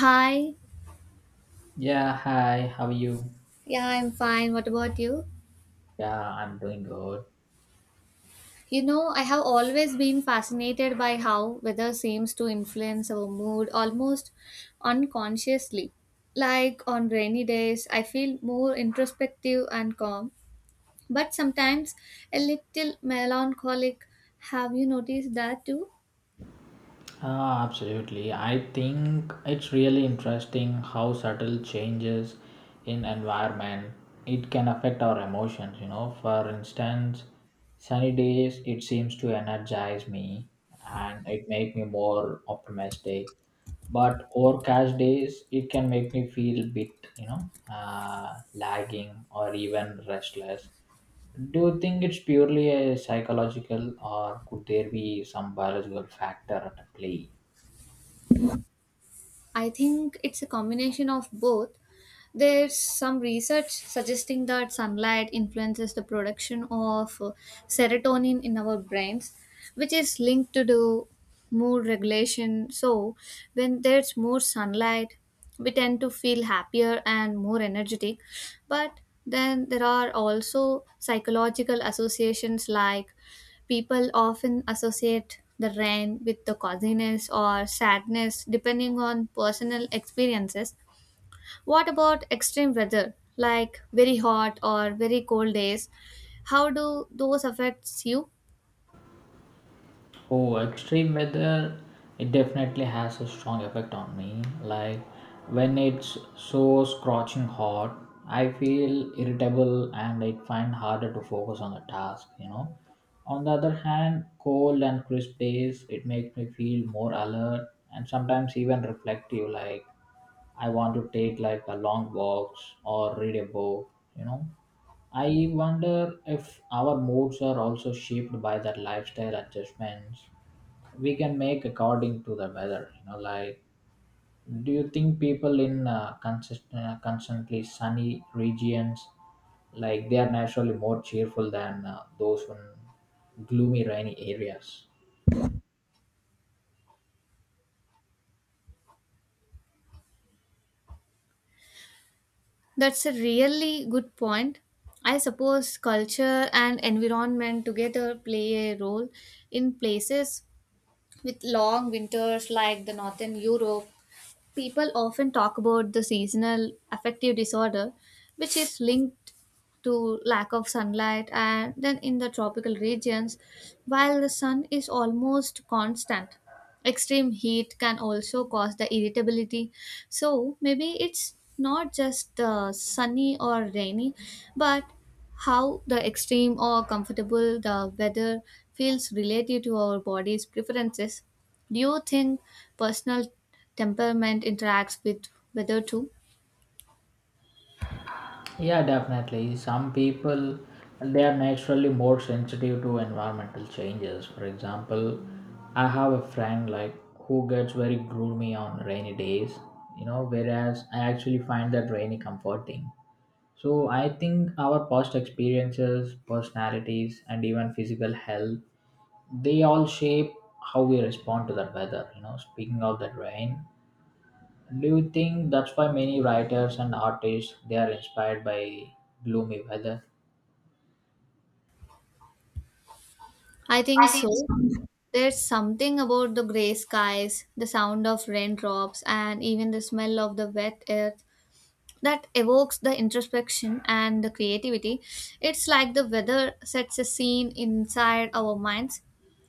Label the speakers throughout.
Speaker 1: Hi.
Speaker 2: Yeah, hi, how are you?
Speaker 1: Yeah, I'm fine. What about you?
Speaker 2: Yeah, I'm doing good.
Speaker 1: You know, I have always been fascinated by how weather seems to influence our mood almost unconsciously. Like on rainy days, I feel more introspective and calm, but sometimes a little melancholic. Have you noticed that too?
Speaker 2: Ah, absolutely. I think it's really interesting how subtle changes in environment it can affect our emotions, For instance, sunny days it seems to energize me and it make me more optimistic. But overcast days it can make me feel bit, lagging or even restless. Do you think it's purely a psychological, or could there be some biological factor at play?
Speaker 1: I think it's a combination of both. There's some research suggesting that sunlight influences the production of serotonin in our brains, which is linked to the mood regulation. So when there's more sunlight, we tend to feel happier and more energetic. But then there are also psychological associations, like people often associate the rain with the coziness or sadness depending on personal experiences. What about extreme weather, like very hot or very cold days? How do those affects you?
Speaker 2: Oh, extreme weather, it definitely has a strong effect on me. Like when it's so scorching hot, I feel irritable and I find harder to focus on the task. On the other hand, cold and crisp days, it makes me feel more alert and sometimes even reflective, like I want to take like a long walks or read a book, you know. I wonder if our moods are also shaped by that lifestyle adjustments we can make according to the weather. Like, do you think people in consistent, constantly sunny regions like they are naturally more cheerful than those in gloomy rainy areas?
Speaker 1: That's a really good point. I suppose culture and environment together play a role. In places with long winters like the northern Europe, people often talk about the seasonal affective disorder, which is linked to lack of sunlight, and then in the tropical regions, while the sun is almost constant, extreme heat can also cause the irritability. So maybe it's not just the sunny or rainy, but how the extreme or comfortable the weather feels relative to our body's preferences. Do you think personal temperament interacts with weather too?
Speaker 2: Yeah, definitely. Some people they are naturally more sensitive to environmental changes. For example, I have a friend like who gets very gloomy on rainy days, you know, whereas I actually find that rainy comforting. So I think our past experiences, personalities and even physical health, they all shape how we respond to the weather, you know, speaking of the rain, do you think that's why many writers and artists they are inspired by gloomy weather?
Speaker 1: I think so. There's something about the gray skies, the sound of raindrops, and even the smell of the wet earth that evokes the introspection and the creativity. It's like the weather sets a scene inside our minds.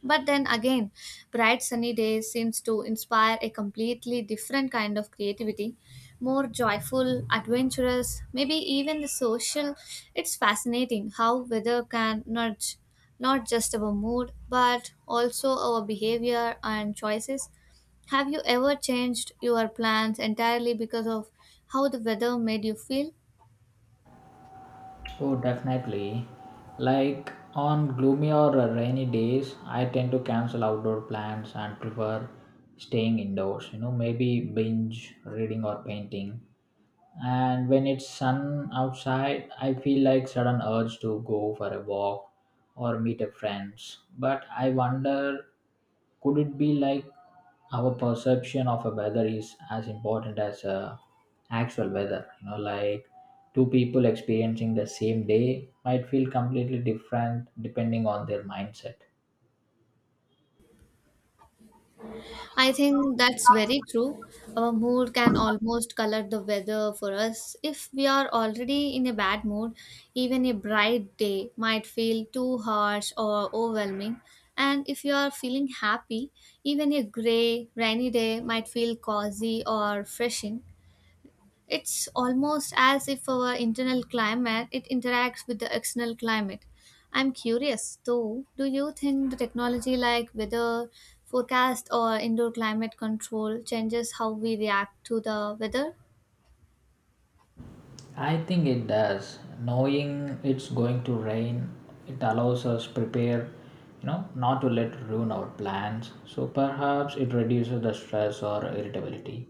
Speaker 1: But then again, bright sunny days seems to inspire a completely different kind of creativity, more joyful, adventurous, maybe even the social. It's fascinating how weather can nudge not just our mood but also our behavior and choices. Have you ever changed your plans entirely because of how the weather made you feel?
Speaker 2: Oh, definitely. Like on gloomy or rainy days, I tend to cancel outdoor plans and prefer staying indoors. You know, maybe binge reading or painting. And when it's sun outside I feel like sudden urge to go for a walk or meet a friends, but I wonder, could it be like our perception of a weather is as important as a actual weather, you know, like two people experiencing the same day might feel completely different depending on their mindset.
Speaker 1: I think that's very true. Our mood can almost color the weather for us. If we are already in a bad mood, even a bright day might feel too harsh or overwhelming. And if you are feeling happy, even a gray, rainy day might feel cozy or refreshing. It's almost as if our internal climate it interacts with the external climate. I'm curious though, do you think the technology like weather forecast or indoor climate control changes how we react to the weather?
Speaker 2: I think it does. Knowing it's going to rain, it allows us prepare, you know, not to let ruin our plans. So perhaps it reduces the stress or irritability.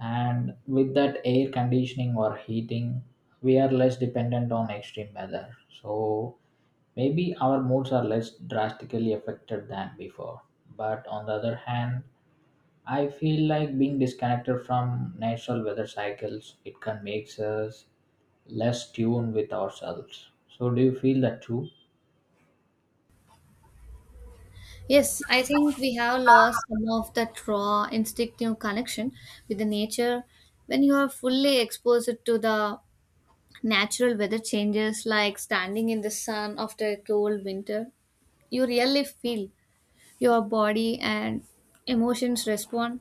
Speaker 2: And with that air conditioning or heating, we are less dependent on extreme weather. So maybe our moods are less drastically affected than before. But on the other hand, I feel like being disconnected from natural weather cycles, it can make us less tuned with ourselves. So, do you feel that too?
Speaker 1: Yes, I think we have lost some of that raw instinctive connection with the nature. When you are fully exposed to the natural weather changes, like standing in the sun after a cold winter, you really feel your body and emotions respond.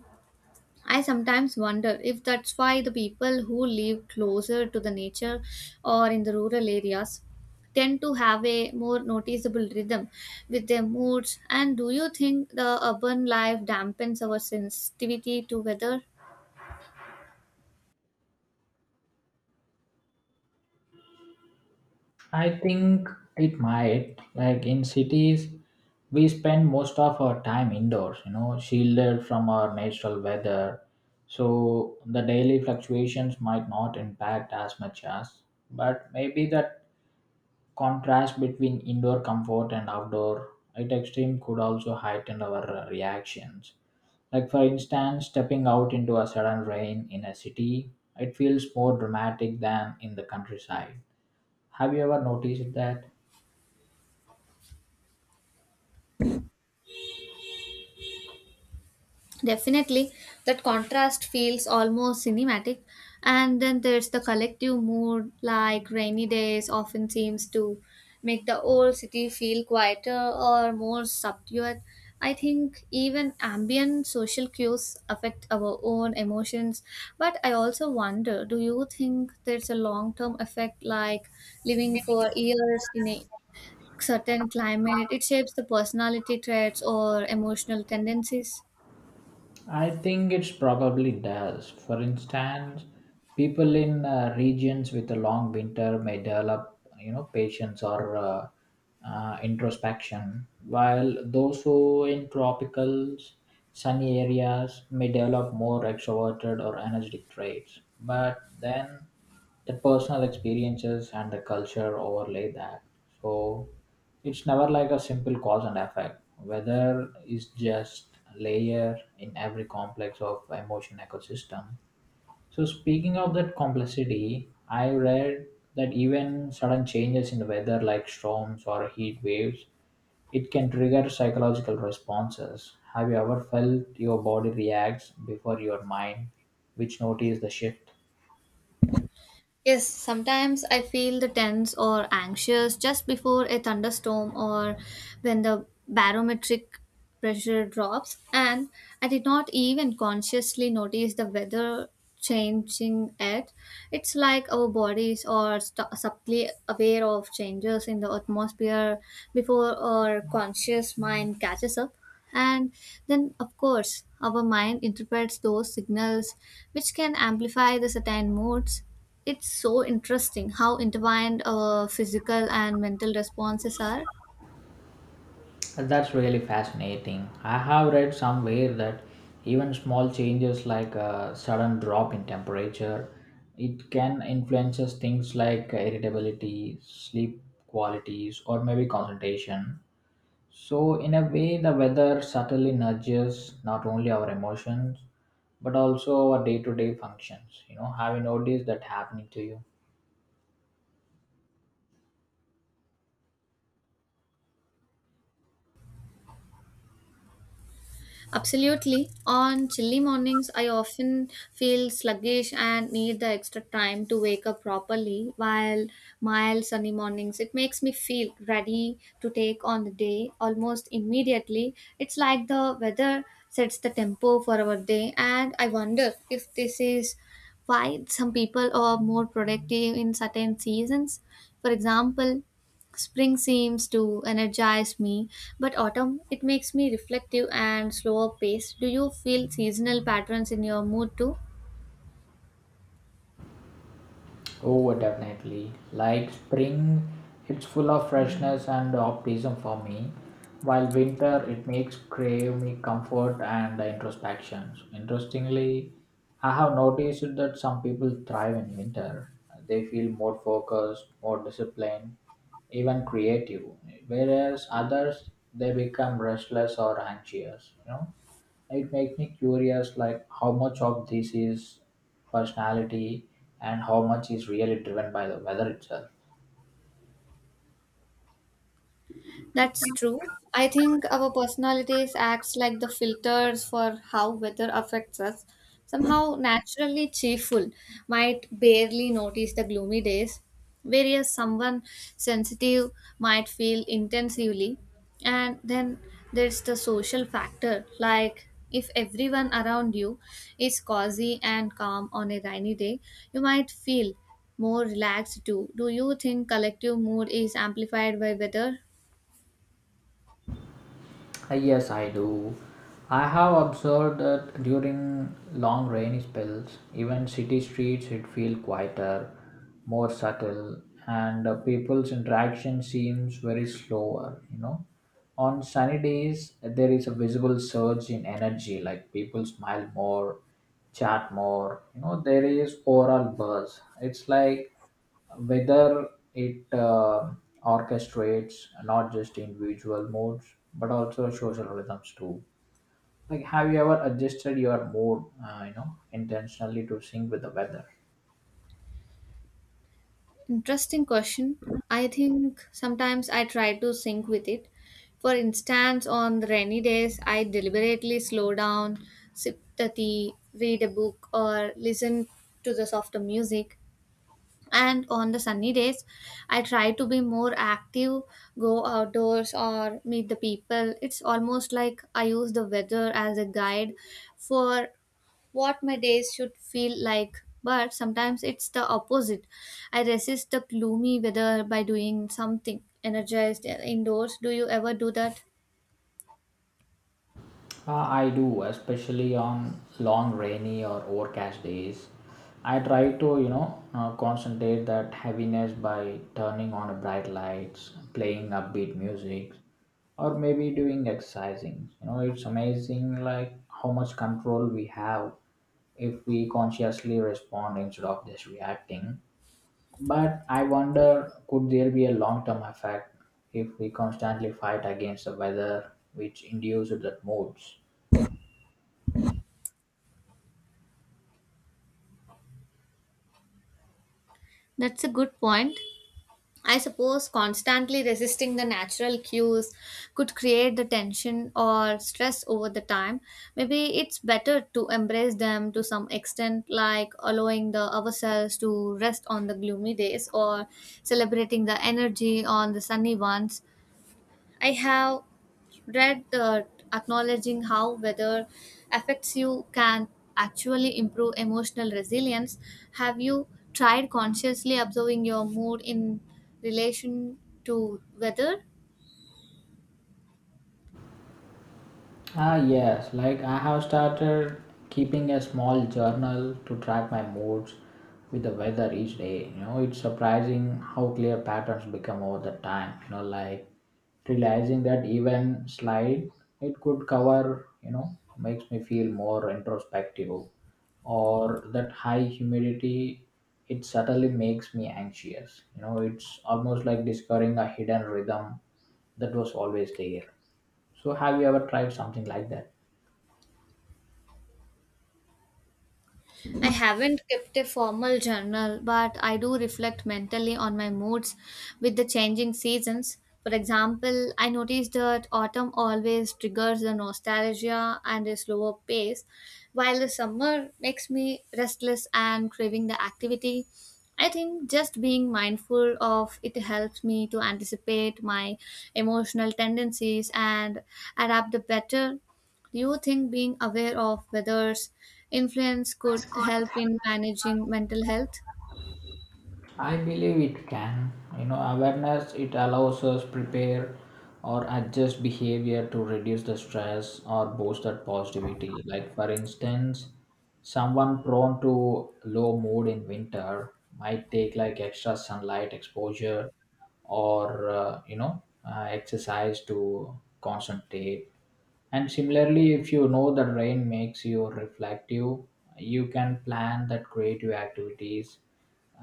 Speaker 1: I sometimes wonder if that's why the people who live closer to the nature or in the rural areas tend to have a more noticeable rhythm with their moods. And do you think the urban life dampens our sensitivity to weather?
Speaker 2: I think it might. Like in cities, we spend most of our time indoors, you know, shielded from our natural weather. So, the daily fluctuations might not impact as much as, but maybe that contrast between indoor comfort and outdoor at extreme could also heighten our reactions. Like for instance, stepping out into a sudden rain in a city, it feels more dramatic than in the countryside. Have you ever noticed that?
Speaker 1: Definitely, that contrast feels almost cinematic. And then there's the collective mood, like rainy days often seems to make the old city feel quieter or more subdued. I think even ambient social cues affect our own emotions. But I also wonder, do you think there's a long term effect, like living for years in a certain climate? It shapes the personality traits or emotional tendencies.
Speaker 2: I think it's probably does. For instance, people in regions with a long winter may develop, you know, patience or introspection, while those who in tropical, sunny areas may develop more extroverted or energetic traits. But then the personal experiences and the culture overlay that. So it's never like a simple cause and effect. Weather is just a layer in every complex of emotion ecosystem. So speaking of that complexity, I read that even sudden changes in the weather like storms or heat waves, it can trigger psychological responses. Have you ever felt your body reacts before your mind, which notice the shift?
Speaker 1: Yes, sometimes I feel the tense or anxious just before a thunderstorm or when the barometric pressure drops, and I did not even consciously notice the weather changing it. It's like our bodies are subtly aware of changes in the atmosphere before our conscious mind catches up. And then, of course, our mind interprets those signals which can amplify the certain moods. It's so interesting how intertwined our physical and mental responses are.
Speaker 2: That's really fascinating. I have read somewhere that even small changes like a sudden drop in temperature, it can influences things like irritability, sleep qualities, or maybe concentration. So in a way, the weather subtly nudges not only our emotions but also our day-to-day functions. You know, have you noticed that happening to you?
Speaker 1: Absolutely. On chilly mornings, I often feel sluggish and need the extra time to wake up properly, while mild sunny mornings, it makes me feel ready to take on the day almost immediately. It's like the weather sets the tempo for our day, and I wonder if this is why some people are more productive in certain seasons. For example, spring seems to energize me, but autumn it makes me reflective and slower paced. Do you feel seasonal patterns in your mood too?
Speaker 2: Oh, definitely. Like spring, it's full of freshness and optimism for me, while winter, it makes crave me comfort and introspection. Interestingly, I have noticed that some people thrive in winter. They feel more focused, more disciplined, even creative, whereas others they become restless or anxious, you know. It makes me curious, like how much of this is personality and how much is really driven by the weather itself.
Speaker 1: That's true. I think our personalities acts like the filters for how weather affects us. Somehow naturally cheerful might barely notice the gloomy days, whereas someone sensitive might feel intensively. And then there's the social factor, like if everyone around you is cozy and calm on a rainy day, you might feel more relaxed too. Do you think collective mood is amplified by weather?
Speaker 2: Yes, I do. I have observed that during long rainy spells, even city streets it feel quieter, more subtle, and people's interaction seems very slower, you know. On sunny days, there is a visible surge in energy, like people smile more, chat more, you know, there is overall buzz. It's like whether it orchestrates not just individual moods but also social rhythms too, like have you ever adjusted your mood you know intentionally to sync with the weather?
Speaker 1: Interesting question. I think sometimes I try to sync with it. For instance, on rainy days, I deliberately slow down, sip the tea, read a book, or listen to the softer music. And on the sunny days, I try to be more active, go outdoors, or meet the people. It's almost like I use the weather as a guide for what my days should feel like. But sometimes it's the opposite. I resist the gloomy weather by doing something energized indoors. Do you ever do that?
Speaker 2: I do, especially on long rainy or overcast days. I try to, concentrate that heaviness by turning on a bright lights, playing upbeat music, or maybe doing exercising. You know, it's amazing like how much control we have if we consciously respond instead of just reacting. But I wonder, could there be a long-term effect if we constantly fight against the weather which induces that moods?
Speaker 1: That's a good point. I suppose constantly resisting the natural cues could create the tension or stress over the time. Maybe it's better to embrace them to some extent, like allowing the ourselves to rest on the gloomy days or celebrating the energy on the sunny ones. I have read acknowledging how weather affects you can actually improve emotional resilience. Have you tried consciously observing your mood in relation to weather?
Speaker 2: Ah, yes, like I have started keeping a small journal to track my moods with the weather each day. You know, it's surprising how clear patterns become over the time. You know, like realizing that even slide it could cover, you know, makes me feel more introspective, or that high humidity it subtly makes me anxious. You know, it's almost like discovering a hidden rhythm that was always there. So have you ever tried something like that?
Speaker 1: I haven't kept a formal journal, but I do reflect mentally on my moods with the changing seasons. For example, I noticed that autumn always triggers the nostalgia and a slower pace, while the summer makes me restless and craving the activity. I think just being mindful of it helps me to anticipate my emotional tendencies and adapt the better. Do you think being aware of weather's influence could help in managing mental health?
Speaker 2: I believe it can. You know, awareness it allows us prepare or adjust behavior to reduce the stress or boost that positivity. Like for instance, someone prone to low mood in winter might take like extra sunlight exposure or exercise to concentrate. And similarly, if you know that rain makes you reflective, you can plan that creative activities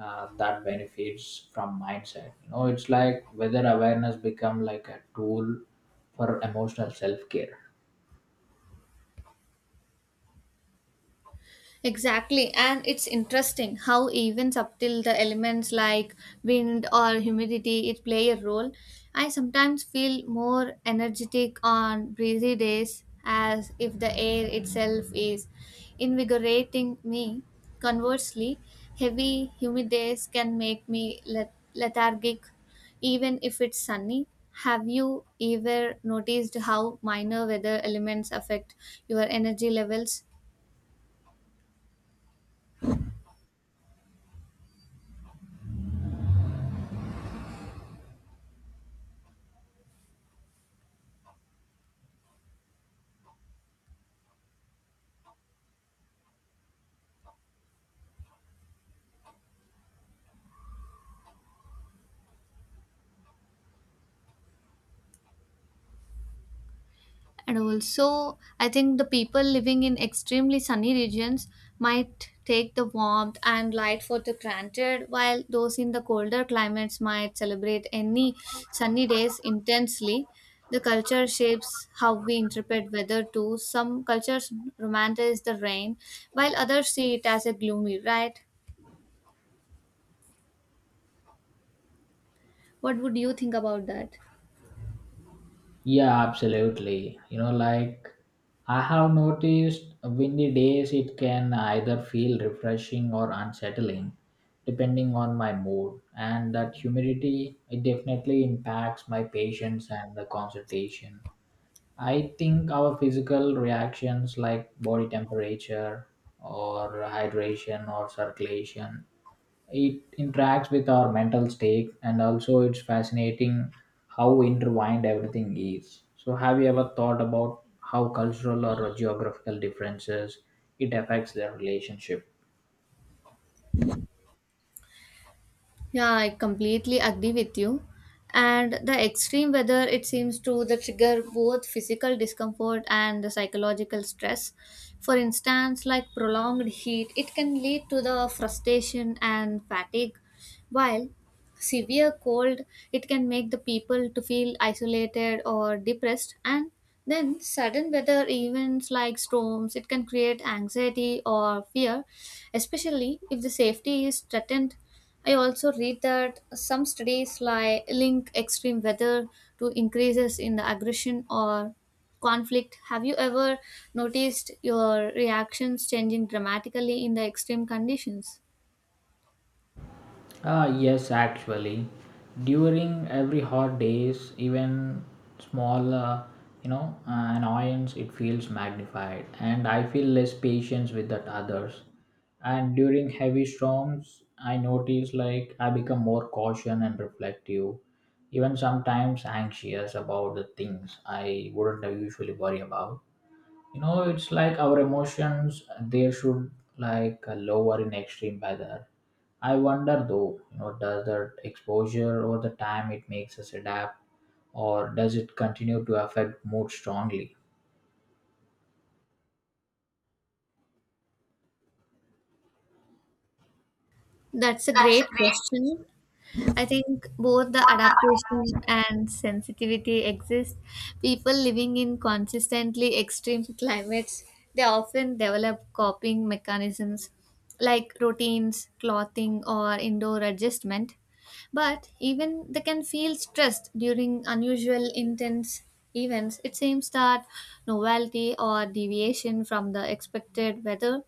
Speaker 2: that benefits from mindset. You know, it's like whether awareness become like a tool for emotional self care.
Speaker 1: Exactly, and it's interesting how even subtle the elements like wind or humidity it play a role. I sometimes feel more energetic on breezy days as if the air itself is invigorating me. Conversely, heavy humid days can make me lethargic even if it's sunny. Have you ever noticed how minor weather elements affect your energy levels? And also, I think the people living in extremely sunny regions might take the warmth and light for the granted, while those in the colder climates might celebrate any sunny days intensely. The culture shapes how we interpret weather too. Some cultures romanticize the rain, while others see it as a gloomy, right? What would you think about that?
Speaker 2: Yeah, absolutely. You know, like I have noticed windy days, it can either feel refreshing or unsettling, depending on my mood. And that humidity, it definitely impacts my patience and the concentration. I think our physical reactions like body temperature or hydration or circulation it interacts with our mental state and also it's fascinating how intertwined everything is, so have you ever thought about how cultural or geographical differences it affects their relationship?
Speaker 1: Yeah, I completely agree with you. And the extreme weather, it seems to the trigger both physical discomfort and the psychological stress. For instance, like prolonged heat, it can lead to the frustration and fatigue, while severe cold, it can make the people to feel isolated or depressed. And then sudden weather events like storms, it can create anxiety or fear, especially if the safety is threatened. I also read that some studies link extreme weather to increases in the aggression or conflict. Have you ever noticed your reactions changing dramatically in the extreme conditions?
Speaker 2: Ah, yes, actually, during every hot days, even small, annoyance, it feels magnified, and I feel less patience with that others. And during heavy storms, I notice like I become more caution and reflective, even sometimes anxious about the things I wouldn't usually worry about, you know, it's like our emotions, they should like lower in extreme weather. I wonder though, you know, does that exposure over the time it makes us adapt or does it continue to affect mood strongly?
Speaker 1: That's a great question. I think both the adaptation and sensitivity exist. People living in consistently extreme climates, they often develop coping mechanisms like routines, clothing, or indoor adjustment. But even they can feel stressed during unusual, intense events. It seems that novelty or deviation from the expected weather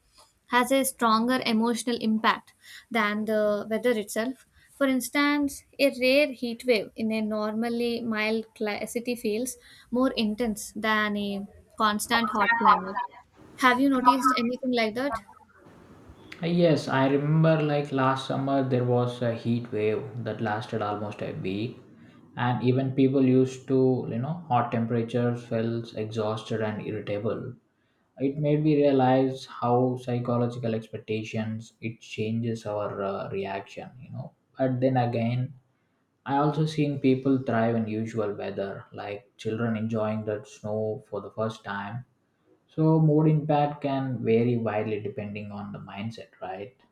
Speaker 1: has a stronger emotional impact than the weather itself. For instance, a rare heat wave in a normally mild city feels more intense than a constant hot climate. Have you noticed anything like that?
Speaker 2: Yes, I remember like last summer there was a heat wave that lasted almost a week and even people used to, you know, hot temperatures felt exhausted and irritable. It made me realize how psychological expectations it changes our reaction, you know, but then again I also seen people thrive in usual weather like children enjoying the snow for the first time, so mood impact can vary widely depending on the mindset, right?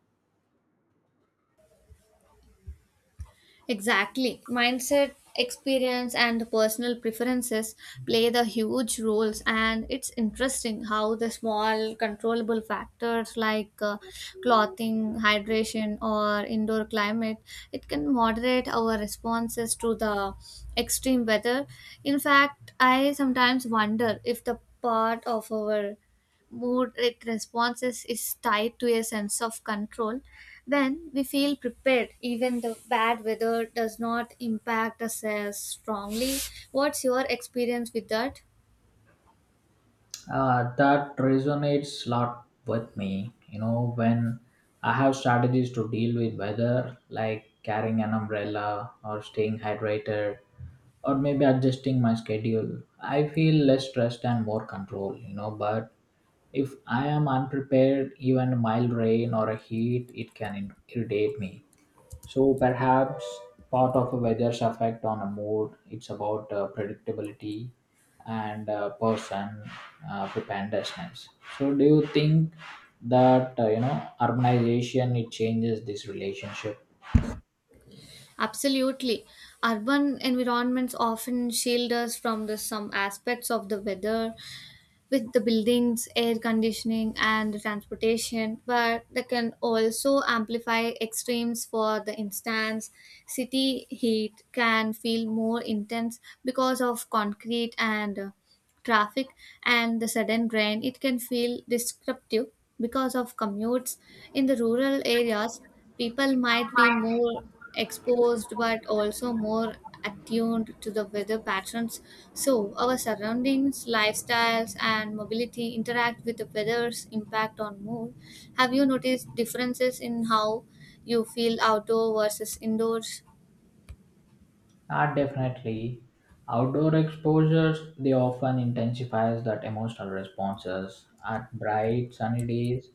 Speaker 1: Exactly. Mindset, experience, and personal preferences play the huge roles, and it's interesting how the small controllable factors like clothing, hydration, or indoor climate it can moderate our responses to the extreme weather. In fact, I sometimes wonder if the part of our mood it responses is tied to a sense of control. When we feel prepared, even the bad weather does not impact us as strongly. What's your experience with that?
Speaker 2: That resonates a lot with me. You know, when I have strategies to deal with weather, like carrying an umbrella or staying hydrated, or maybe adjusting my schedule, I feel less stressed and more control. You know, but if I am unprepared, even mild rain or a heat, it can irritate me. So perhaps part of a weather's effect on a mood, it's about predictability and person preparedness. So do you think that you know urbanization it changes this relationship?
Speaker 1: Absolutely. Urban environments often shield us from the some aspects of the weather with the buildings, air conditioning, and the transportation, but they can also amplify extremes. For the instance, city heat can feel more intense because of concrete and traffic, and the sudden rain it can feel disruptive because of commutes. In the rural areas, people might be more exposed but also more attuned to the weather patterns. So, our surroundings, lifestyles, and mobility interact with the weather's impact on mood. Have you noticed differences in how you feel outdoor versus indoors?
Speaker 2: Ah, definitely. Outdoor exposures they often intensifies that emotional responses. At bright sunny days,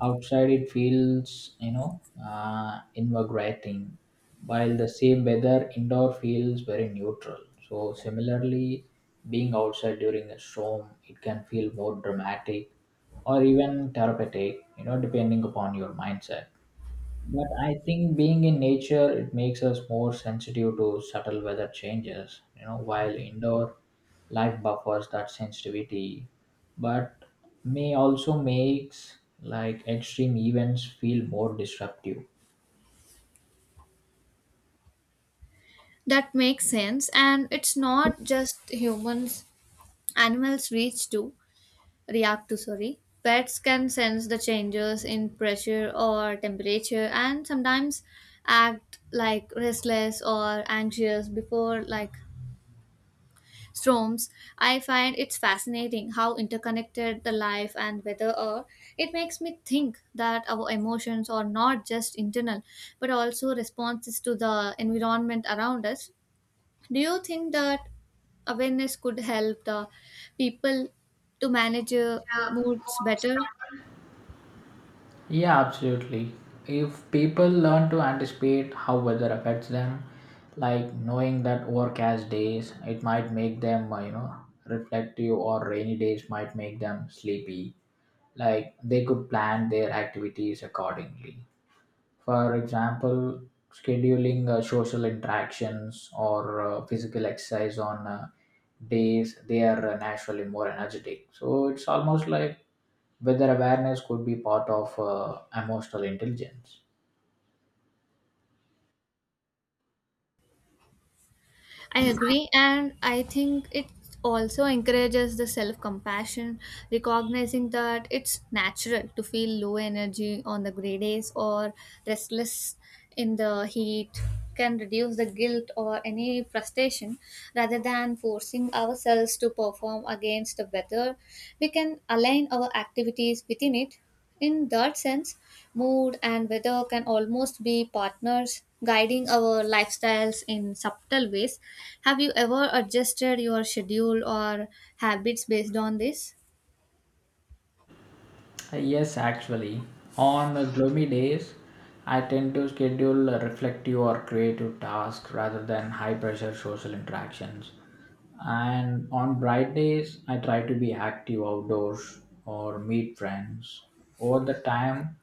Speaker 2: outside it feels invigorating, while the same weather indoor feels very neutral. So similarly, being outside during a storm, it can feel more dramatic or even therapeutic, you know, depending upon your mindset. But I think being in nature, it makes us more sensitive to subtle weather changes, you know, while indoor life buffers that sensitivity, but may also makes like extreme events feel more disruptive.
Speaker 1: That makes sense, and it's not just humans, animals reach too. React to sorry, pets can sense the changes in pressure or temperature and sometimes act like restless or anxious before like storms. I find it's fascinating how interconnected the life and weather are. It makes me think that our emotions are not just internal but also responses to the environment around us. Do you think that awareness could help the people to manage moods better?
Speaker 2: Yeah, absolutely. If people learn to anticipate how weather affects them, like knowing that overcast days, it might make them, reflective or rainy days might make them sleepy, like they could plan their activities accordingly, for example scheduling social interactions or physical exercise on days they are naturally more energetic, so it's almost like whether awareness could be part of emotional intelligence.
Speaker 1: I agree, and I think it also encourages the self compassion, recognizing that it's natural to feel low energy on the gray days or restless in the heat can reduce the guilt or any frustration. Rather than forcing ourselves to perform against the weather, we can align our activities within it. In that sense, mood and weather can almost be partners guiding our lifestyles in subtle ways. Have you ever adjusted your schedule or habits based on this?
Speaker 2: Yes, actually. On gloomy days, I tend to schedule reflective or creative tasks rather than high pressure social interactions. And on bright days, I try to be active outdoors or meet friends. Over the time,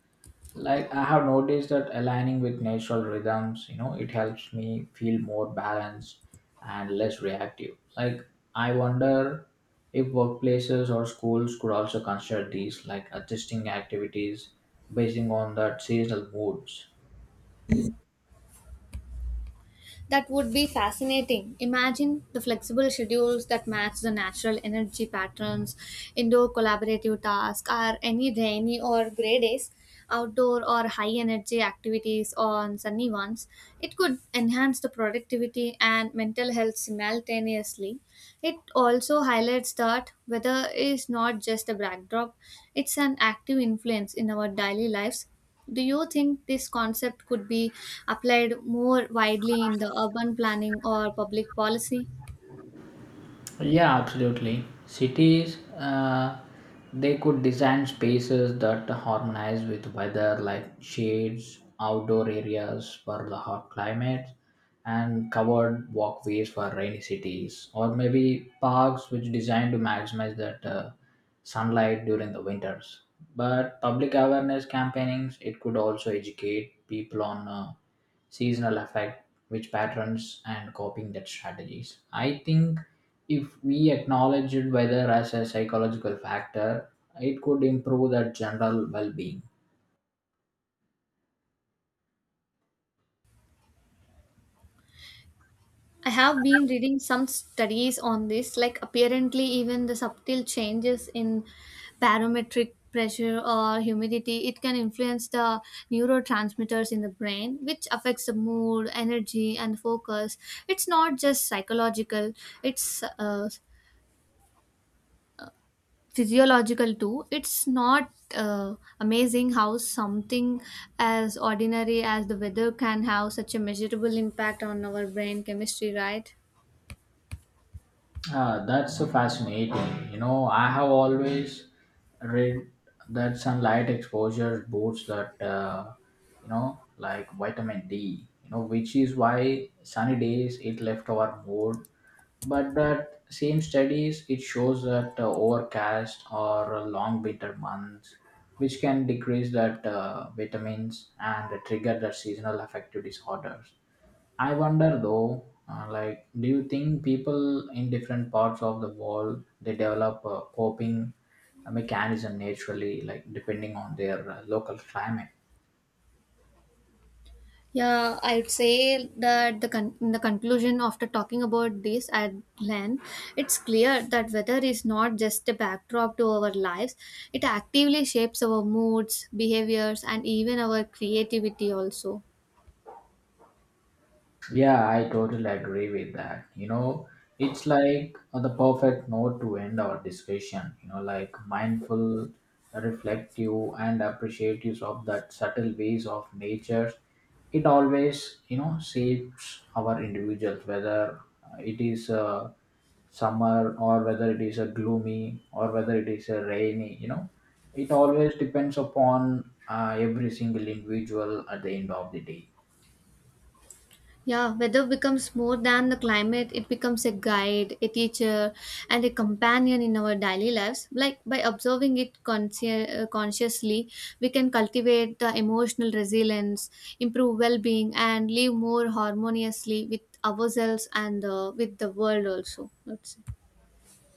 Speaker 2: like I have noticed that aligning with natural rhythms you know it helps me feel more balanced and less reactive, like I wonder if workplaces or schools could also consider these like adjusting activities basing on that seasonal moods.
Speaker 1: That would be fascinating. Imagine the flexible schedules that match the natural energy patterns, indoor collaborative tasks, or any rainy or grey days, outdoor or high energy activities on sunny ones. It could enhance the productivity and mental health simultaneously. It also highlights that weather is not just a backdrop, it's an active influence in our daily lives. Do you think this concept could be applied more widely in the urban planning or public policy?
Speaker 2: Yeah, absolutely. Cities, they could design spaces that harmonize with weather, like shades, outdoor areas for the hot climates, and covered walkways for rainy cities, or maybe parks which designed to maximize that sunlight during the winters. But public awareness campaigns, it could also educate people on seasonal effect, which patterns, and coping that strategies. I think if we acknowledged weather as a psychological factor, it could improve that general well-being.
Speaker 1: I have been reading some studies on this, like apparently, even the subtle changes in barometric pressure or humidity it can influence the neurotransmitters in the brain which affects the mood energy and focus. It's not just psychological, it's physiological too. It's not amazing how something as ordinary as the weather can have such a measurable impact on our brain chemistry, right?
Speaker 2: Ah, that's so fascinating. You know, I have always read that sunlight exposure boosts that, like vitamin D. You know, which is why sunny days it left our mood. But that same studies it shows that overcast or long winter months, which can decrease that vitamins and trigger that seasonal affective disorders. I wonder though, like, do you think people in different parts of the world they develop a coping mechanism naturally, like depending on their local climate?
Speaker 1: Yeah, I'd say that in the conclusion, after talking about this at length, it's clear that weather is not just a backdrop to our lives, it actively shapes our moods, behaviors, and even our creativity also.
Speaker 2: Yeah, I totally agree with that. You know, it's like the perfect note to end our discussion, you know, like mindful, reflective, and appreciative of that subtle ways of nature. It always, you know, shapes our individuals, whether it is a summer or whether it is a gloomy or whether it is a rainy, you know, it always depends upon every single individual at the end of the day.
Speaker 1: Yeah, weather becomes more than the climate, it becomes a guide, a teacher, and a companion in our daily lives. Like by observing it consciously, we can cultivate the emotional resilience, improve well being, and live more harmoniously with ourselves and with the world also, let's say.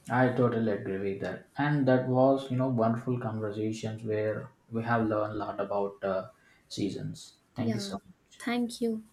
Speaker 2: I totally agree with that. And that was, you know, wonderful conversations where we have learned a lot about seasons. Thank you
Speaker 1: Yeah,
Speaker 2: so much.
Speaker 1: thank you.